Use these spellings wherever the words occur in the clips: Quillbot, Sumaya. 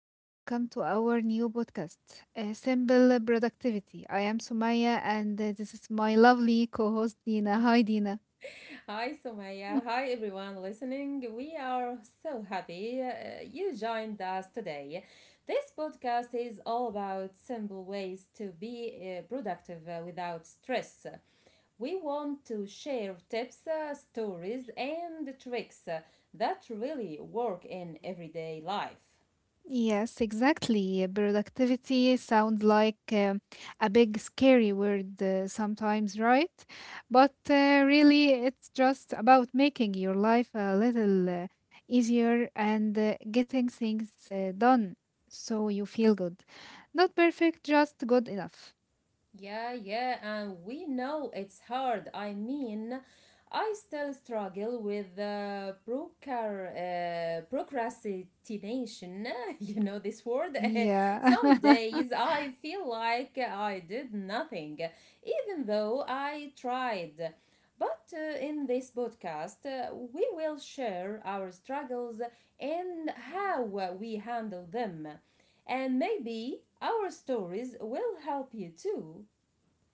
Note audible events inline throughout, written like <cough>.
and welcome to our new podcast, Simple Productivity. I am Sumaya, and this is my lovely co host, Dina. Hi, Dina. Hi, Sumaya. <laughs> Hi, everyone listening. We are so happy you joined us today. This podcast is all about simple ways to be productive without stress. We want to share tips, stories, and tricks that really work in everyday life. Yes, exactly. Productivity sounds like a big, scary word sometimes, right? But really, it's just about making your life a little easier and getting things done so you feel good. Not perfect, just good enough. Yeah, yeah, and we know it's hard. I mean, I still struggle with procrastination. <laughs> you know this word? <laughs> Yeah. Some <laughs> days I feel like I did nothing, even though I tried. But in this podcast, we will share our struggles and how we handle them. And maybe our stories will help you too.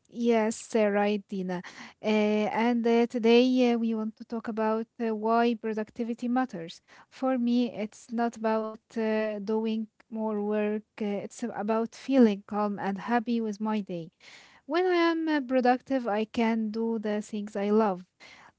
Yes, right, Dina. And today we want to talk about why productivity matters. For me, it's not about doing more work, it's about feeling calm and happy with my day. When I am productive, I can do the things I love,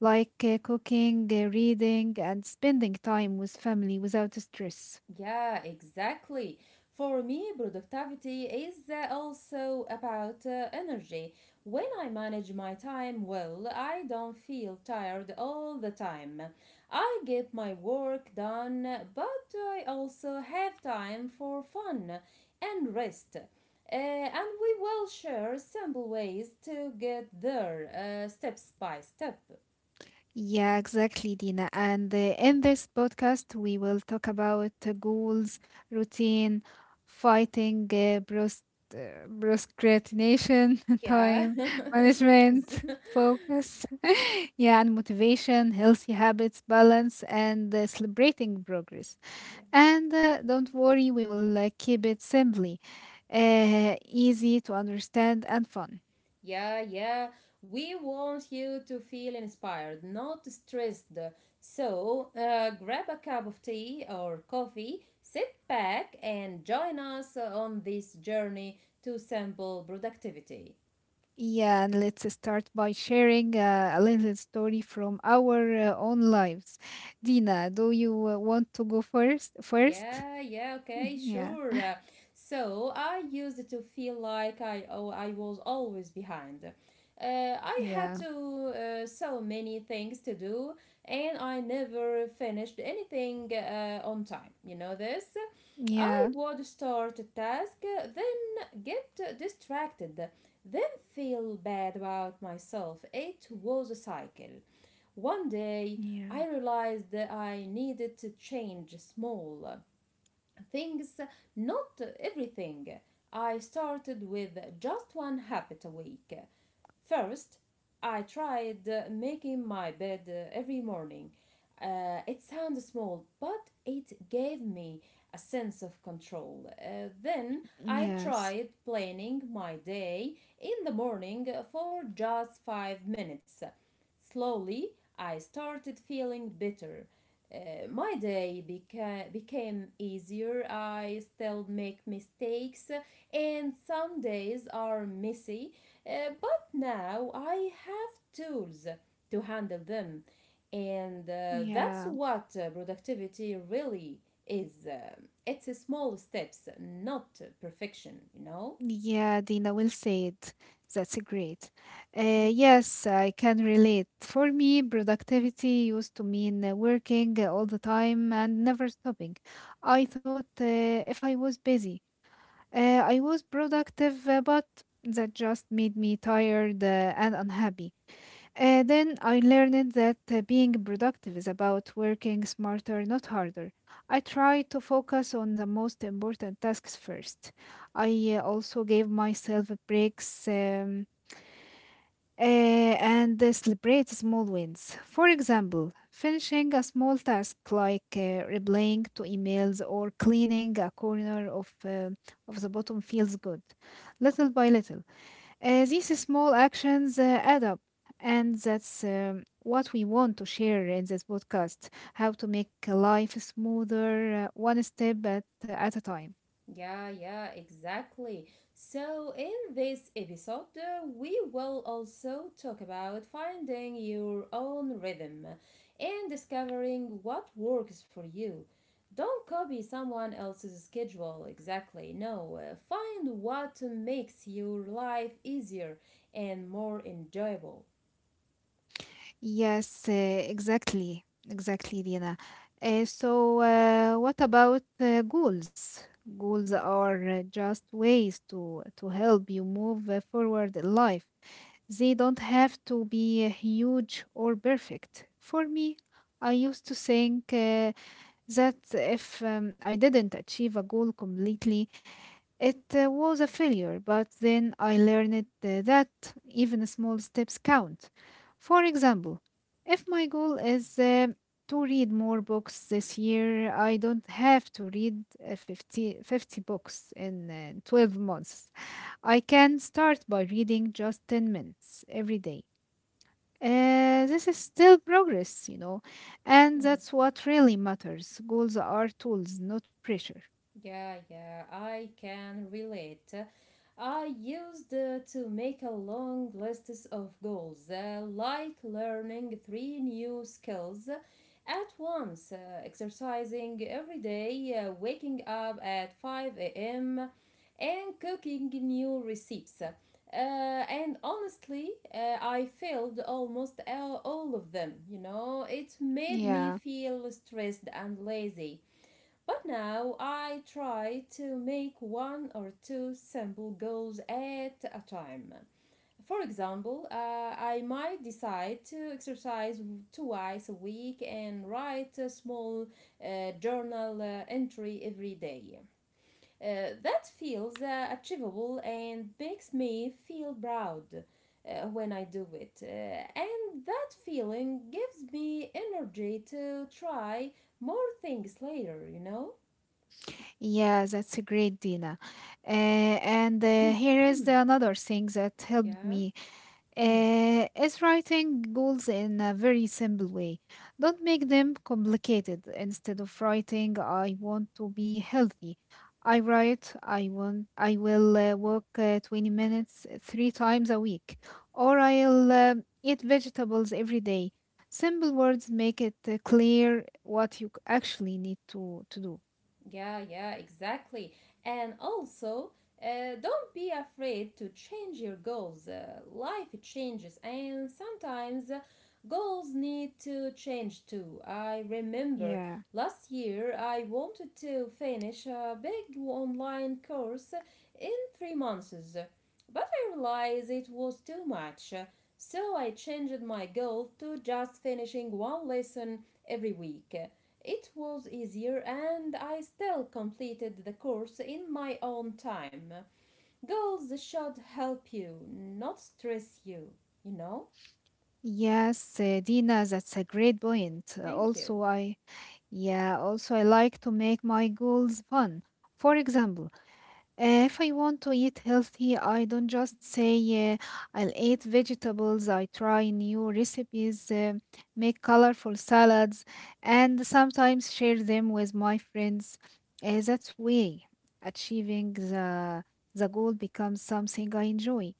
like cooking, reading, and spending time with family without stress. Yeah, exactly. For me, productivity is also about energy. When I manage my time well, I don't feel tired all the time. I get my work done, but I also have time for fun and rest. And we will share simple ways to get there, steps by step. Yeah, exactly, Dina. And in this podcast, we will talk about goals, routine, fighting, procrastination, <laughs> Yeah. time management, <laughs> focus, <laughs> yeah, and motivation, healthy habits, balance, and celebrating progress. <laughs> And don't worry, we will keep it simply, easy to understand, and fun. Yeah, yeah. We want you to feel inspired, not stressed. So, grab a cup of tea or coffee, sit back, and join us on this journey to simple productivity. Yeah, and let's start by sharing a little story from our own lives. Dina, do you want to go first? First? <laughs> Yeah, yeah, okay, Yeah, sure. So I used to feel like I was always behind. I had yeah, to so many things to do, and I never finished anything on time. You know this. I yeah, would start a task, then get distracted, then feel bad about myself. It was a cycle. One day, I yeah, realized that I needed to change small things, not everything. I started with just one habit a week. First, I tried making my bed every morning. It sounds small, but it gave me a sense of control. Then I yes, tried planning my day in the morning for just 5 minutes. Slowly, I started feeling better. My day became easier. I still make mistakes, and some days are messy, but now I have tools to handle them. And that's yeah, what productivity really is. It's a small steps, not perfection, you. Know? yeah, Dina will say it. That's great. Thank Yes, I can relate. For me, productivity used to mean working all the time and never stopping. I thought if I was busy, I was productive, but that just made me tired and unhappy. Then I learned that being productive is about working smarter, not harder. I tried to focus on the most important tasks first. I also gave myself breaks. And celebrate small wins. For example, finishing a small task like replying to emails or cleaning a corner of the bottom feels good, little by little. These small actions add up, and that's what we want to share in this podcast, how to make life smoother uh, one step at a time. Yeah, yeah, exactly. So, in this episode, we will also talk about finding your own rhythm and discovering what works for you. Don't copy someone else's schedule, exactly. No, find what makes your life easier and more enjoyable. Yes, exactly. Exactly, Dina. So, what about goals? Goals are uh, just ways to help you move forward in life. They don't have to be huge or perfect. For me, I used to think that if I didn't achieve a goal completely, it was a failure, but then I learned that even small steps count. For example, if my goal is to read more books this year, I don't have to read uh, fifty books in 12 months. I can start by reading just 10 minutes every day. This is still progress, you know, and that's what really matters. Goals are tools, not pressure. Yeah, yeah, I can relate. I used to make a long list of goals, like learning three new skills at once, exercising every day, waking up at 5 a.m., and cooking new recipes. And honestly, I failed almost all of them, you know. It made me Yeah. feel stressed and lazy. But now I try to make one or two simple goals at a time. For example, I might decide to exercise twice a week and write a small journal entry every day. That feels achievable and makes me feel proud when I do it. And that feeling gives me energy to try more things later, you know? Yeah, that's a great, Dina. And here is <clears throat> another thing that helped yeah, me mhm. Is writing goals in a very simple way. Don't make them complicated. Instead of writing, I want to be healthy. I write, I will walk 20 minutes three times a week, or I'll eat vegetables every day. Simple words make it clear what you actually need to do. yeah, yeah, exactly. And also, don't be afraid to change your goals. Life changes, and sometimes goals need to change too. I remember Yeah. last year I wanted to finish a big online course in 3 months, but I realized it was too much. So I changed my goal to just finishing one lesson every week. It was easier and I still completed the course in my own time. Goals should help you, not stress you, you know? Yes, Dina, that's a great point. Thank you. Also, I yeah, also I like to make my goals fun. For example, if I want to eat healthy, I don't just say I'll eat vegetables. I try new recipes, make colorful salads, and sometimes share them with my friends. That's way achieving the goal becomes something I enjoy,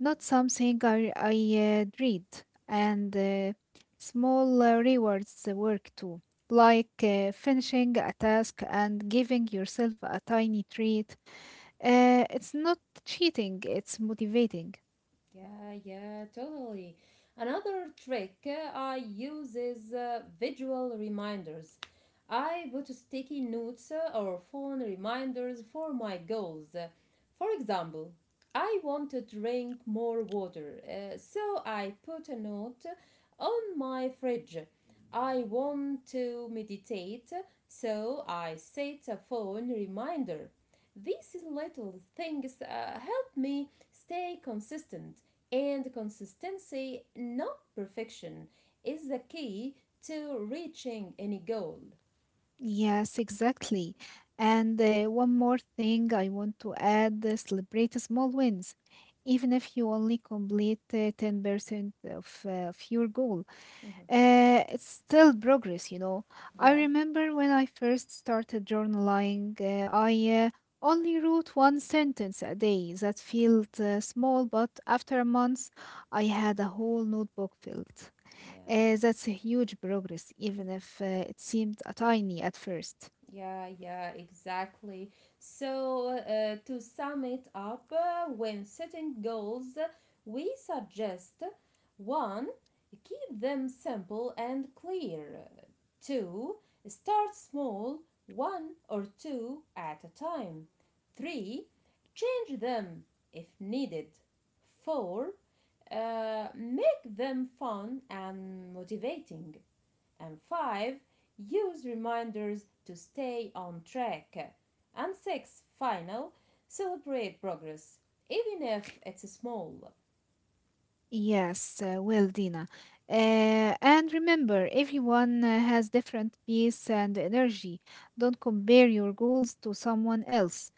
not something I dread. And small rewards work too, like finishing a task and giving yourself a tiny treat. It's not cheating, it's motivating. Yeah, yeah, totally. Another trick I use is visual reminders. I put sticky notes or phone reminders for my goals. For example, I want to drink more water, so I put a note on my fridge. I want to meditate, so I set a phone reminder. These little things help me stay consistent and consistency, not perfection, is the key to reaching any goal. Yes, exactly. And one more thing I want to add, celebrate small wins. Even if you only complete 10% of your goal, Mm-hmm. It's still progress, you know. I Yeah, remember when I first started journaling, I only wrote 1 sentence a day that felt small, but after a month, I had a whole notebook filled. yeah, That's a huge progress, even if it seemed tiny at first. yeah, yeah, exactly. So, to sum it up, when setting goals, we suggest 1. Keep them simple and clear. 2. Start small, one or two at a time. 3. Change them if needed. 4. Make them fun and motivating. And 5. Use reminders to stay on track. And 6. Final. Celebrate progress, even if it's small. Yes, well, Dina. And remember, everyone has different pace and energy. Don't compare your goals to someone else.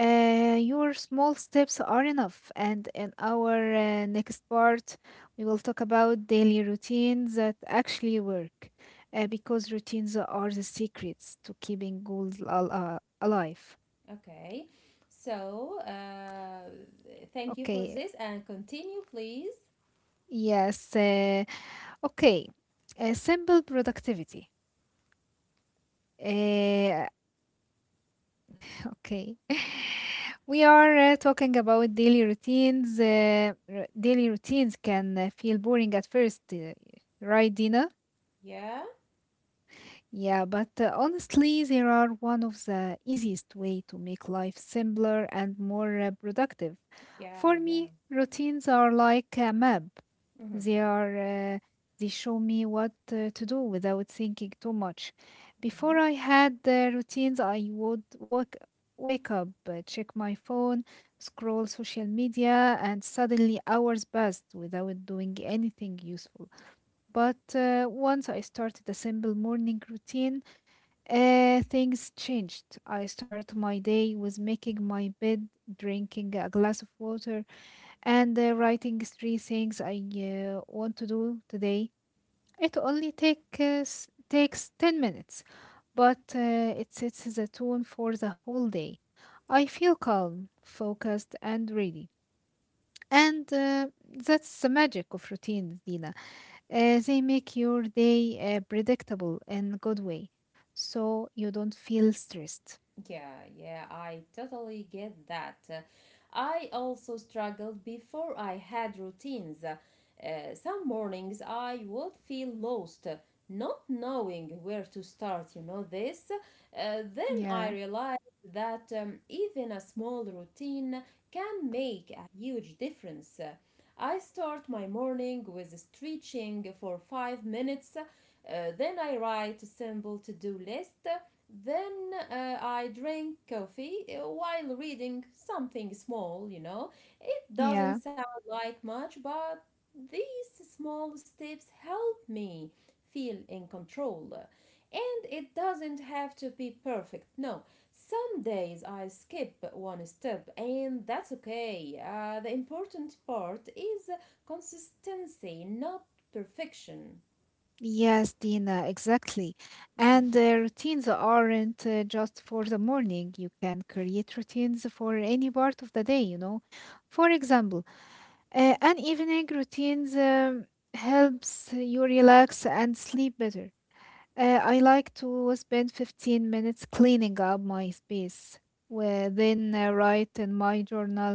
Your small steps are enough. And in our next part, we will talk about daily routines that actually work. Because routines are the secrets to keeping goals alive. Okay. So, thank you for Okay, this and continue, please. yes. Okay. Simple productivity. Uh, <laughs> okay. <laughs> We are talking about daily routines. Daily routines can feel boring at first, right, Dina? Yeah, Yeah, but honestly, they are one of the easiest way to make life simpler and more productive. yeah, For yeah. me, routines are like a map. hmm They are uh, they show me what to do without thinking too much. Before hmm I had routines, I would wake up, check my phone, scroll social media, and suddenly hours passed without doing anything useful. But once I started a simple morning routine, things changed. I started my day with making my bed, drinking a glass of water, and writing three things I want to do today. It only takes 10 minutes, but it sets the tone for the whole day. I feel calm, focused, and ready. And that's the magic of routines, Dina. They make your day predictable in a good way, so you don't feel stressed. Yeah, yeah, I totally get that. I also struggled before I had routines. Some mornings I would feel lost, not knowing where to start, you know, this. Then I Yeah, realized that even a small routine can make a huge difference. I start my morning with stretching for 5 minutes. Then I write a simple to do list. Then I drink coffee while reading something small, you know. It yeah, doesn't sound like much, but these small steps help me feel in control. And it doesn't have to be perfect, no. Some days I skip one step, and that's okay. The important part is consistency, not perfection. yes, Dina, exactly. And routines aren't just for the morning. You can create routines for any part of the day. You know, for example, an evening routines helps you relax and sleep better. I like to spend 15 minutes cleaning up my space, then write in my journal,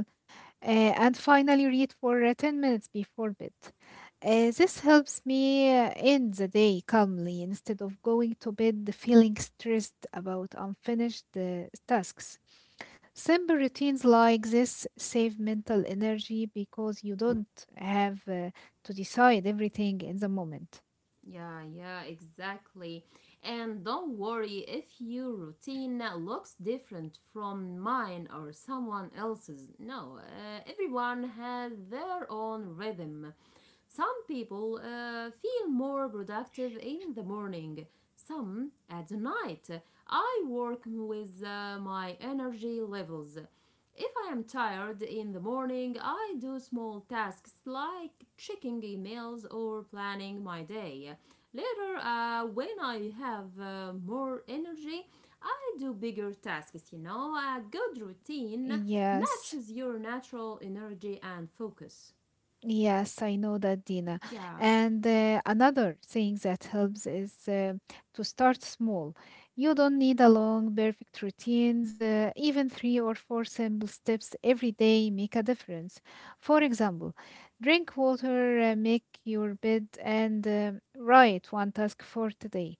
and finally read for 10 minutes before bed. This helps me end the day calmly instead of going to bed feeling stressed about unfinished tasks. Simple routines like this save mental energy because you don't have to decide everything in the moment. Yeah, yeah, exactly. And don't worry if your routine looks different from mine or someone else's. No, everyone has their own rhythm. Some people feel more productive in the morning, some at the night. I work with my energy levels. If I am tired in the morning, I do small tasks like checking emails or planning my day. Later, when I have more energy, I do bigger tasks, you know. A good routine Yes. matches your natural energy and focus. Yes, I know that, Dina. Yeah, And another thing that helps is to start small. You don't need a long, perfect routines. Even three or four simple steps every day make a difference. For example, drink water, make your bed, and write one task for today.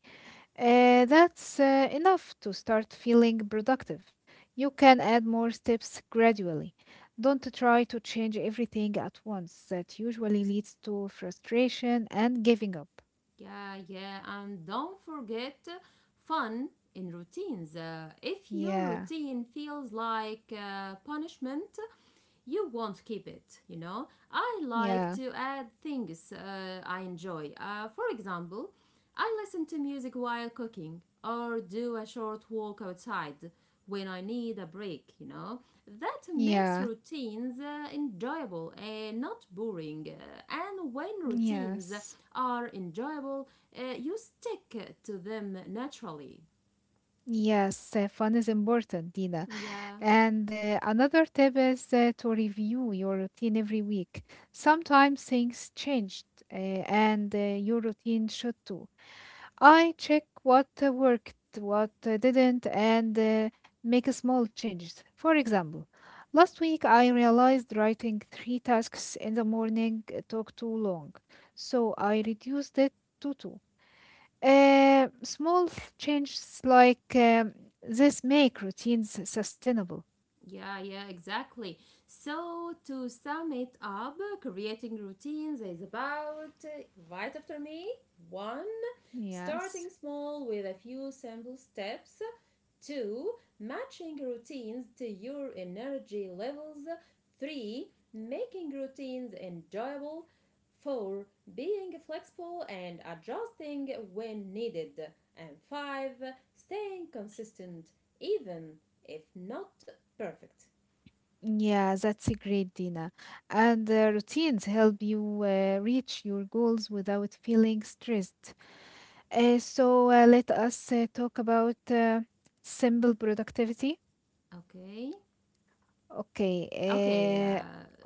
That's enough to start feeling productive. You can add more steps gradually. Don't try to change everything at once. That usually leads to frustration and giving up. yeah, yeah. And don't forget fun in routines. If your Yeah, routine feels like punishment, you won't keep it, you know. I like yeah, to add things I enjoy. For example, I listen to music while cooking or do a short walk outside when I need a break, you know. That makes yeah, routines enjoyable and not boring. And when routines yes. are enjoyable, you stick to them naturally. Yes, fun is important, Dina. Yeah. And another tip is to review your routine every week. Sometimes things changed, uh, and your routine should too. I check what worked, what didn't, and make small changes. For example, last week I realized writing three tasks in the morning took too long, so I reduced it to two. Small changes like this make routines sustainable. Yeah, yeah, exactly. So, to sum it up, creating routines is about, right after me, one, Yes. starting small with a few simple steps, two, matching routines to your energy levels, three, making routines enjoyable, 4. Being flexible and adjusting when needed. And 5. Staying consistent even if not perfect. Yeah, that's a great, Dina. And routines help you reach your goals without feeling stressed. So, let us talk about simple productivity. Okay. Okay. Okay. Uh, Uh,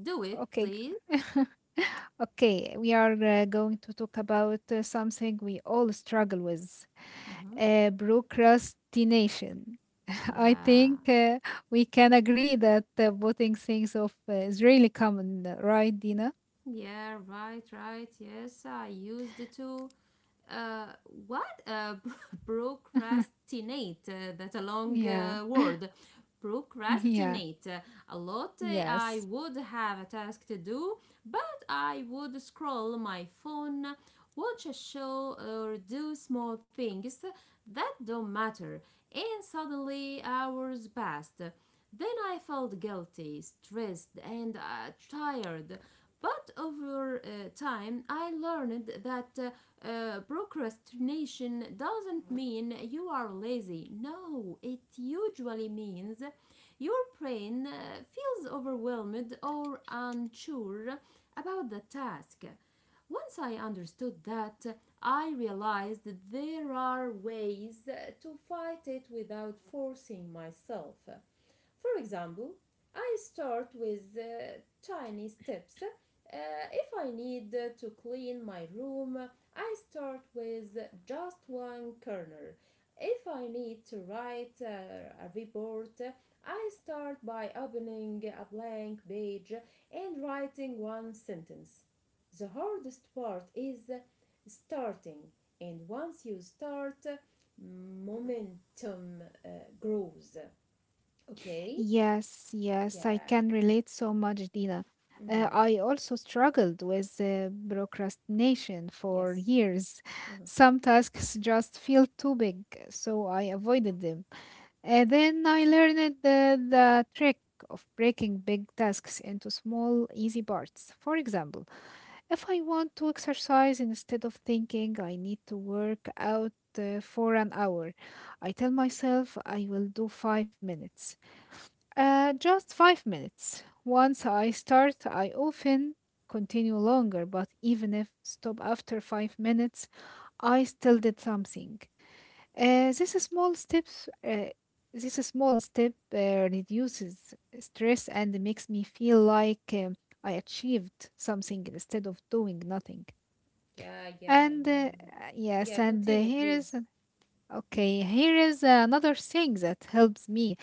do it, okay. please. <laughs> Okay, we are going to talk about something we all struggle with, Hmm procrastination. <laughs> I Yeah. think we can agree that putting things off is really common, right, Dina? Yeah. Right. Right. Yes. I used to. Uh, what <laughs> <laughs> Procrastinate, that's a long yeah, word. yeah, Procrastinate a lot. I yes. would have a task to do, but I would scroll my phone, watch a show or do small things that don't matter, and suddenly hours passed. Then I felt guilty, stressed and tired. But over time, I learned that procrastination doesn't mean you are lazy. No, it usually means your brain feels overwhelmed or unsure about the task. Once I understood that, I realized that there are ways to fight it without forcing myself. For example, I start with tiny steps. If I need to clean my room, I start with just one corner. If I need to write a report, I start by opening a blank page and writing one sentence. The hardest part is starting, and once you start, momentum grows. Okay? Yes, yes, I Yeah. can relate so much, Dina. Mm-hmm. I also struggled with procrastination for Yes. years. <laughs> Mm-hmm. Some tasks just feel too big, so I avoided them. And then I learned the trick of breaking big tasks into small, easy parts. For example, if I want to exercise instead of thinking I need to work out for an hour, I tell myself I will do 5 minutes. Just 5 minutes. Once I start, I often continue longer, but even if stop after 5 minutes, I still did something. Uh, this small steps, uh, this small step reduces stress and makes me feel like I achieved something instead of doing nothing. Yeah, yeah, And uh, yeah. yes, Yeah, and uh, continue, here is please. okay, here is another thing that helps me,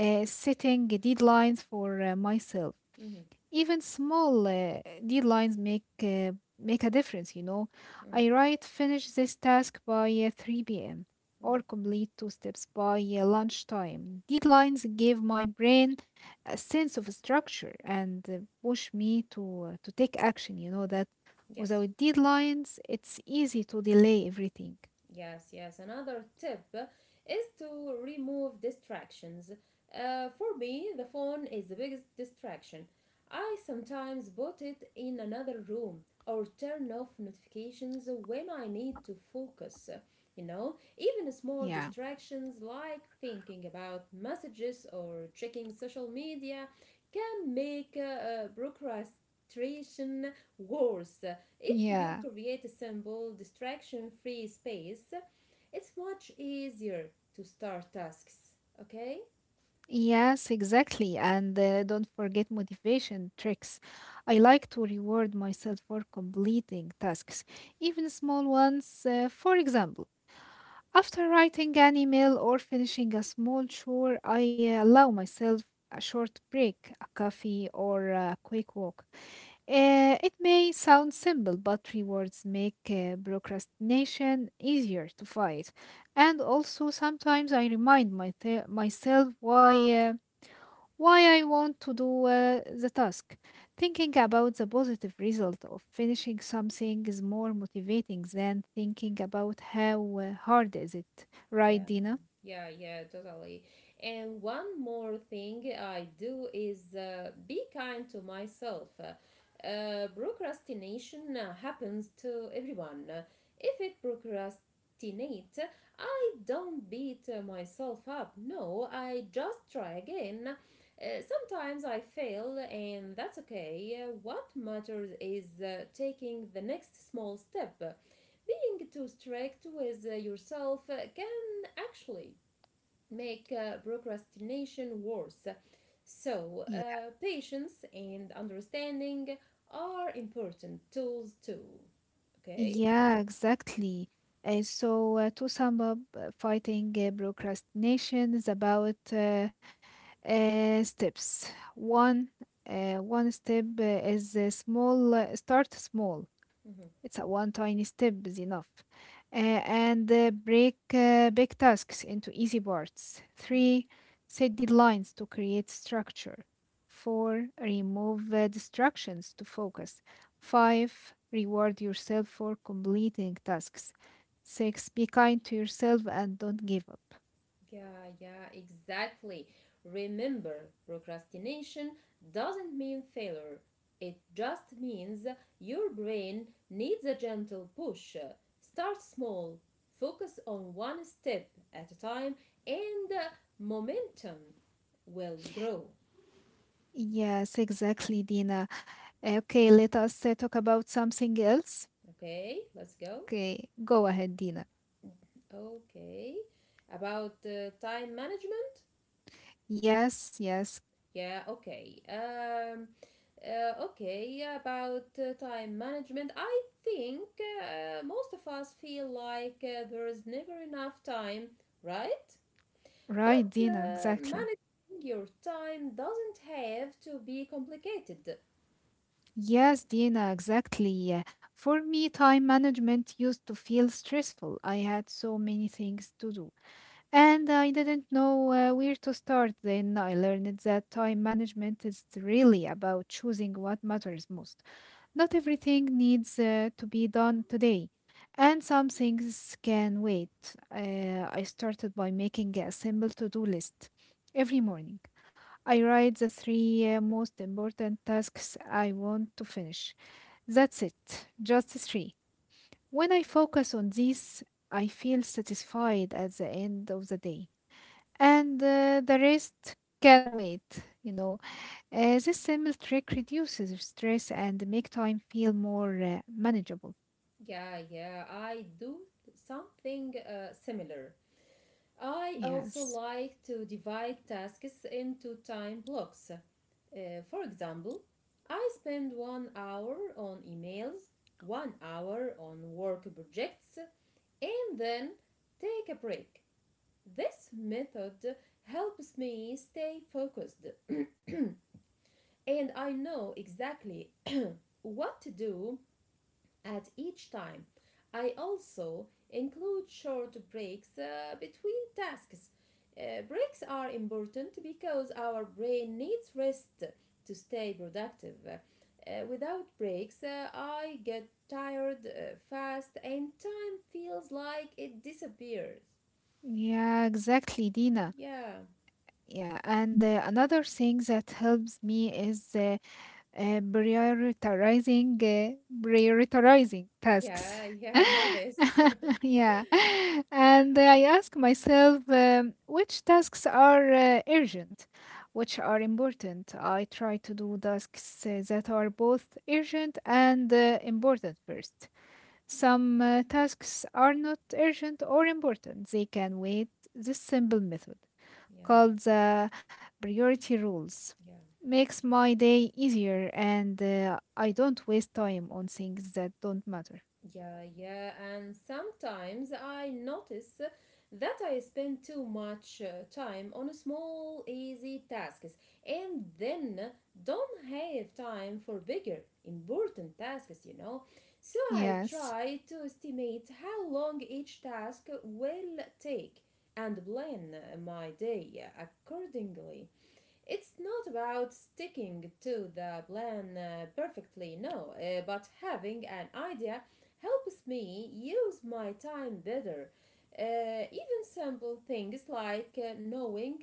setting deadlines for myself. Mm-hmm. Even small deadlines make a difference, you know. Mm-hmm. I write, finish this task by 3 p.m. Mm-hmm. or complete two steps by lunchtime. Deadlines give my brain a sense of structure and push me to take action, you know that Yes. without deadlines, it's easy to delay everything. Yes, yes. Another tip is to remove distractions. For me, the phone is the biggest distraction. I sometimes put it in another room or turn off notifications when I need to focus. You know, even small Yeah. distractions like thinking about messages or checking social media can make procrastination worse. If you Yeah. create a simple, distraction free space, it's much easier to start tasks, okay? Yes, exactly. And don't forget motivation tricks. I like to reward myself for completing tasks, even small ones. For example, after writing an email or finishing a small chore, I allow myself a short break, a coffee, or a quick walk. It may sound simple, but rewards make procrastination easier to fight. And also, sometimes I remind my myself why. Why I want to do the task. Thinking about the positive result of finishing something is more motivating than thinking about how hard is it, right, Yeah. Dina? Yeah, yeah, totally. And one more thing I do is be kind to myself. Procrastination happens to everyone. If it procrastinate, I don't beat myself up. No, I just try again. Sometimes I fail, and that's okay. What matters is taking the next small step. Being too strict with yourself can actually make procrastination worse. So, Yeah. uh, patience and understanding are important tools too. Okay? Yeah, exactly. So to sum up, fighting procrastination is about steps. One, one step is small. Start small. It's a one tiny step is enough. Uh, and break big tasks into easy parts. Three, set deadlines to create structure. Four, remove distractions to focus. Five, reward yourself for completing tasks. Six, be kind to yourself and don't give up. Yeah, yeah, exactly. Remember, procrastination doesn't mean failure. It just means your brain needs a gentle push. Start small, focus on one step at a time, and momentum will grow. Yes, exactly, Dina. Okay, let us talk about something else. Okay, let's go. Okay, go ahead, Dina. Okay. About time management? Yes, yes, Yeah, okay. Okay, about time management, I think most of us feel like there is never enough time, right? right, But Dina, uh, exactly. managing your time doesn't have to be complicated. Yes, Dina, exactly. For me, time management used to feel stressful. I had so many things to do. And I didn't know where to start then. I learned that time management is really about choosing what matters most. Not everything needs to be done today, and some things can wait. I started by making a simple to do list every morning. I write the three most important tasks I want to finish. That's it, just three. When I focus on these, I feel satisfied at the end of the day and the rest can wait, you know. This simple trick reduces stress and make time feel more manageable. Yeah, yeah, I do something similar. I also Yes. like to divide tasks into time blocks. For example, I spend 1 hour on emails, 1 hour on work projects, and then take a break. This method helps me stay focused <clears throat> and I know exactly <clears throat> what to do at each time. I also include short breaks between tasks. Breaks are important because our brain needs rest to stay productive. Without breaks, I get tired fast and time feels like it disappears. Yeah, exactly, Dina. Yeah, Yeah, and another thing that helps me is prioritizing prioritizing tasks. yeah, yeah, I know this. <laughs> <laughs> Yeah, and I ask myself, which tasks are urgent, which are important. I try to do tasks that are both urgent and important first. Some tasks are not urgent or important, they can wait. This simple method, Yeah, called the priority rules, yeah. makes my day easier, and I don't waste time on things that don't matter. Yeah, yeah, and sometimes I notice that I spend too much time on small, easy tasks and then don't have time for bigger, important tasks, So I Yes. try to estimate how long each task will take and plan my day accordingly. It's not about sticking to the plan perfectly, no, but having an idea helps me use my time better. Even simple things like knowing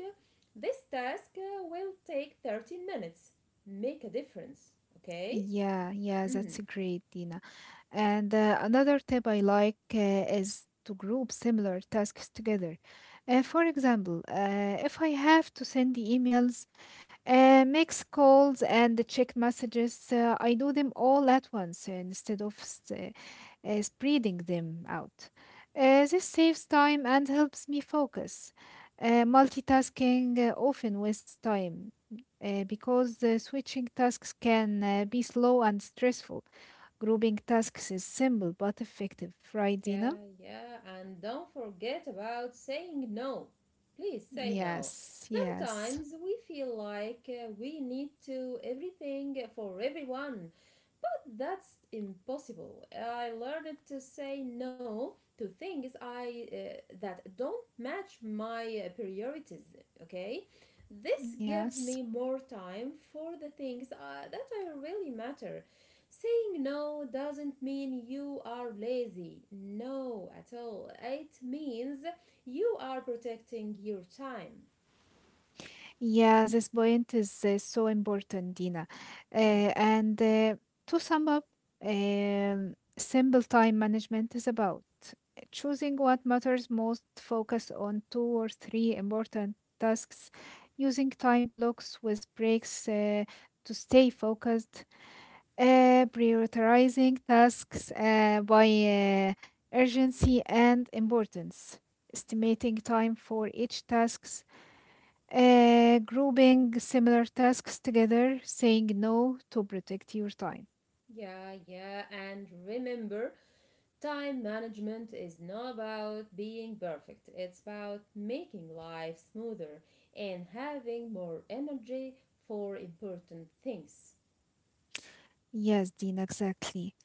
this task will take 30 minutes make a difference, okay? Yeah, yeah, that's Mhm. great, Dina. And another tip I like is to group similar tasks together. For example, if I have to send the emails, mix calls and the check messages. I do them all at once instead of spreading them out. This saves time and helps me focus. Multitasking often wastes time because the switching tasks can be slow and stressful. Grouping tasks is simple but effective, right, Yeah, Dina? yeah, and don't forget about saying no. Please say no. Yes, yes, Sometimes we feel like we need to everything for everyone, that's impossible. I learned to say no to things I that don't match my priorities, okay? This gives yes. me more time for the things that I really matter. Saying no doesn't mean you are lazy. No, at all. It means you are protecting your time. Yeah, this point is so important, Dina. Uh, <clears throat> and to sum up, simple time management is about choosing what matters most, focus on two or three important tasks, using time blocks with breaks to stay focused, prioritizing tasks by urgency and importance, estimating time for each task, grouping similar tasks together, saying no to protect your time. Yeah, yeah, and remember, time management is not about being perfect, it's about making life smoother and having more energy for important things. Yes, Dina, exactly.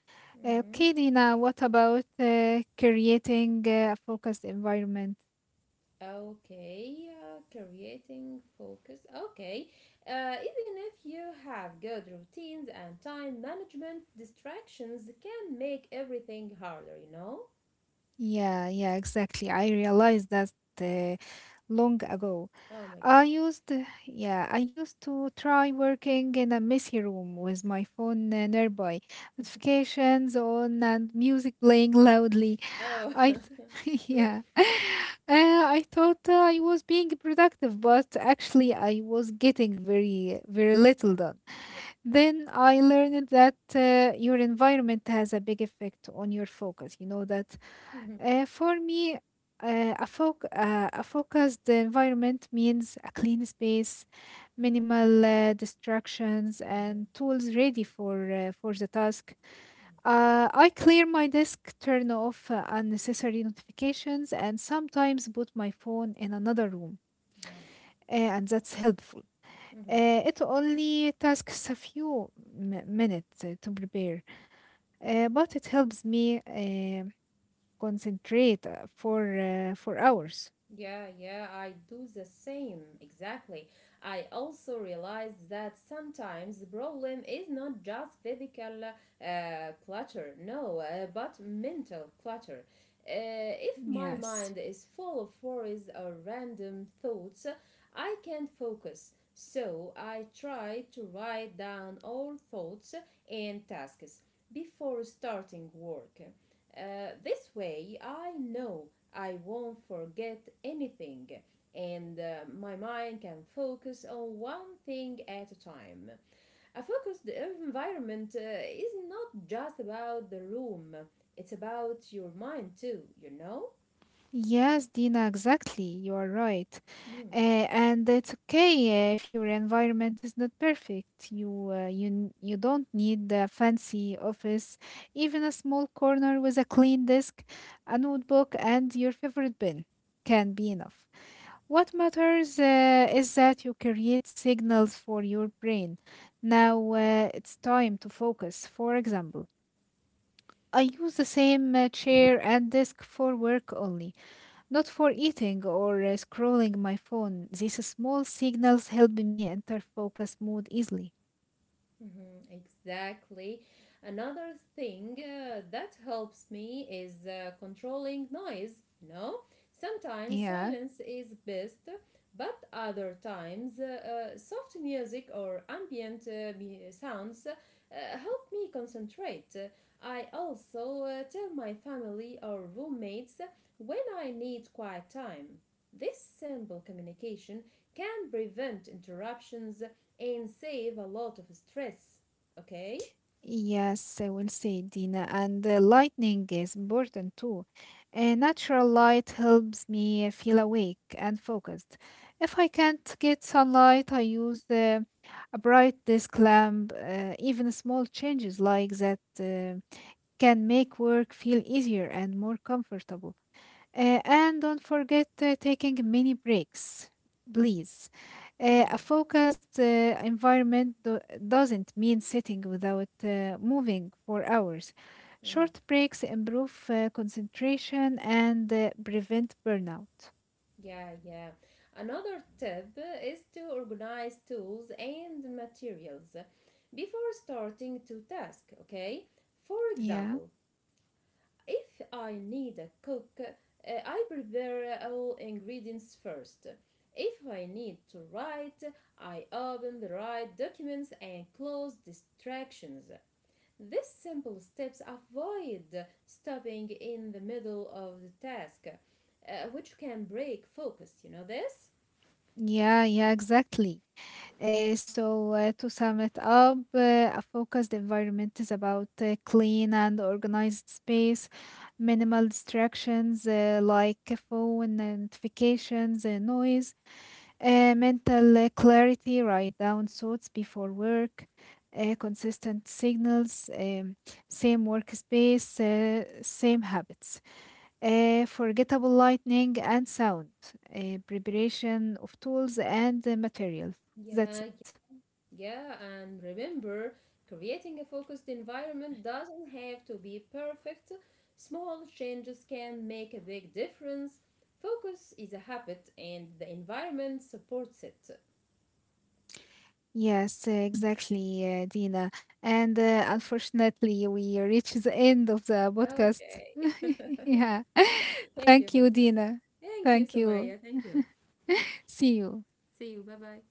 Mm-hmm. Okay, Dina, what about creating a focused environment? Okay, creating focus. Okay, even if you have good routines and time management, distractions can make everything harder, you know? Yeah, yeah, exactly. I realized that uh, long ago. Oh my I god. used, yeah, I used to try working in a messy room with my phone nearby, notifications on, and music playing loudly. Oh. <laughs> <laughs> Yeah, <laughs> I thought I was being productive, but actually, I was getting very, very little done. Yeah. Then I learned that your environment has a big effect on your focus. You know that Mhm. For me, a focused environment means a clean space, minimal distractions, and Mhm. tools ready for the task. Mhm. I clear my desk, turn off unnecessary notifications, and sometimes put my phone in another room, Yeah. And that's helpful. Mm-hmm. It only takes a few minutes to prepare, but it helps me concentrate for for hours. Yeah, yeah, I do the same. Exactly. I also realize that sometimes the problem is not just physical clutter, no, but mental clutter. If my Yes. mind is full of worries or random thoughts, I can't focus. So I try to write down all thoughts and tasks before starting work. This way, I know I won't forget anything, and my mind can focus on one thing at a time. A focused environment is not just about the room, it's about your mind too, you know? Yes, Dina, exactly. You are right. Mm. And it's okay if your environment is not perfect. You don't need a fancy office, even a small corner with a clean desk, a notebook, and your favorite bin can be enough. What matters is that you create signals for your brain. Now it's time to focus. For example, I use the same chair and desk for work only. Not for eating or scrolling my phone. These small signals help me enter focus mode easily. Mhm, exactly. Another thing that helps me is controlling noise, you know? Sometimes Yeah, silence is best, but other times soft music or ambient sounds help me concentrate. I also tell my family or roommates when I need quiet time. This simple communication can prevent interruptions and save a lot of stress. Okay? yes, I will say, Dina. And lightning is important too. Natural light helps me feel awake and focused. If I can't get sunlight, I use a bright desk lamp. Even small changes like that can make work feel easier and more comfortable. And don't forget taking mini breaks, please. A Mm, focused environment doesn't mean sitting without moving for hours. mhm. Short breaks improve concentration and prevent burnout. Yeah, yeah. Another tip is to organize tools and materials before starting to task, okay? For Yeah, example, if I need a cook, I prepare all ingredients first. If I need to write, I open the right documents and close distractions. These simple steps avoid stopping in the middle of the task, which can break focus. You know this? yeah, yeah, exactly. So, to sum it up, a focused environment is about clean and organized space, minimal distractions like phone notifications, noise, mental clarity, write down thoughts before work, consistent signals, same workspace, same habits, forgettable lightning and sound, preparation of tools and materials. That's Yeah, it. yeah, and remember, creating a focused environment doesn't have to be perfect. Small changes can make a big difference. Focus is a habit, and the environment supports it. Yes, exactly, Dina. And unfortunately, we reach the end of the podcast. Okay. <laughs> Yeah. <laughs> <laughs> Thank you Thank for you, this. Dina. Thank you, Thank you. Somaya. Thank you. See you. See you. Bye bye.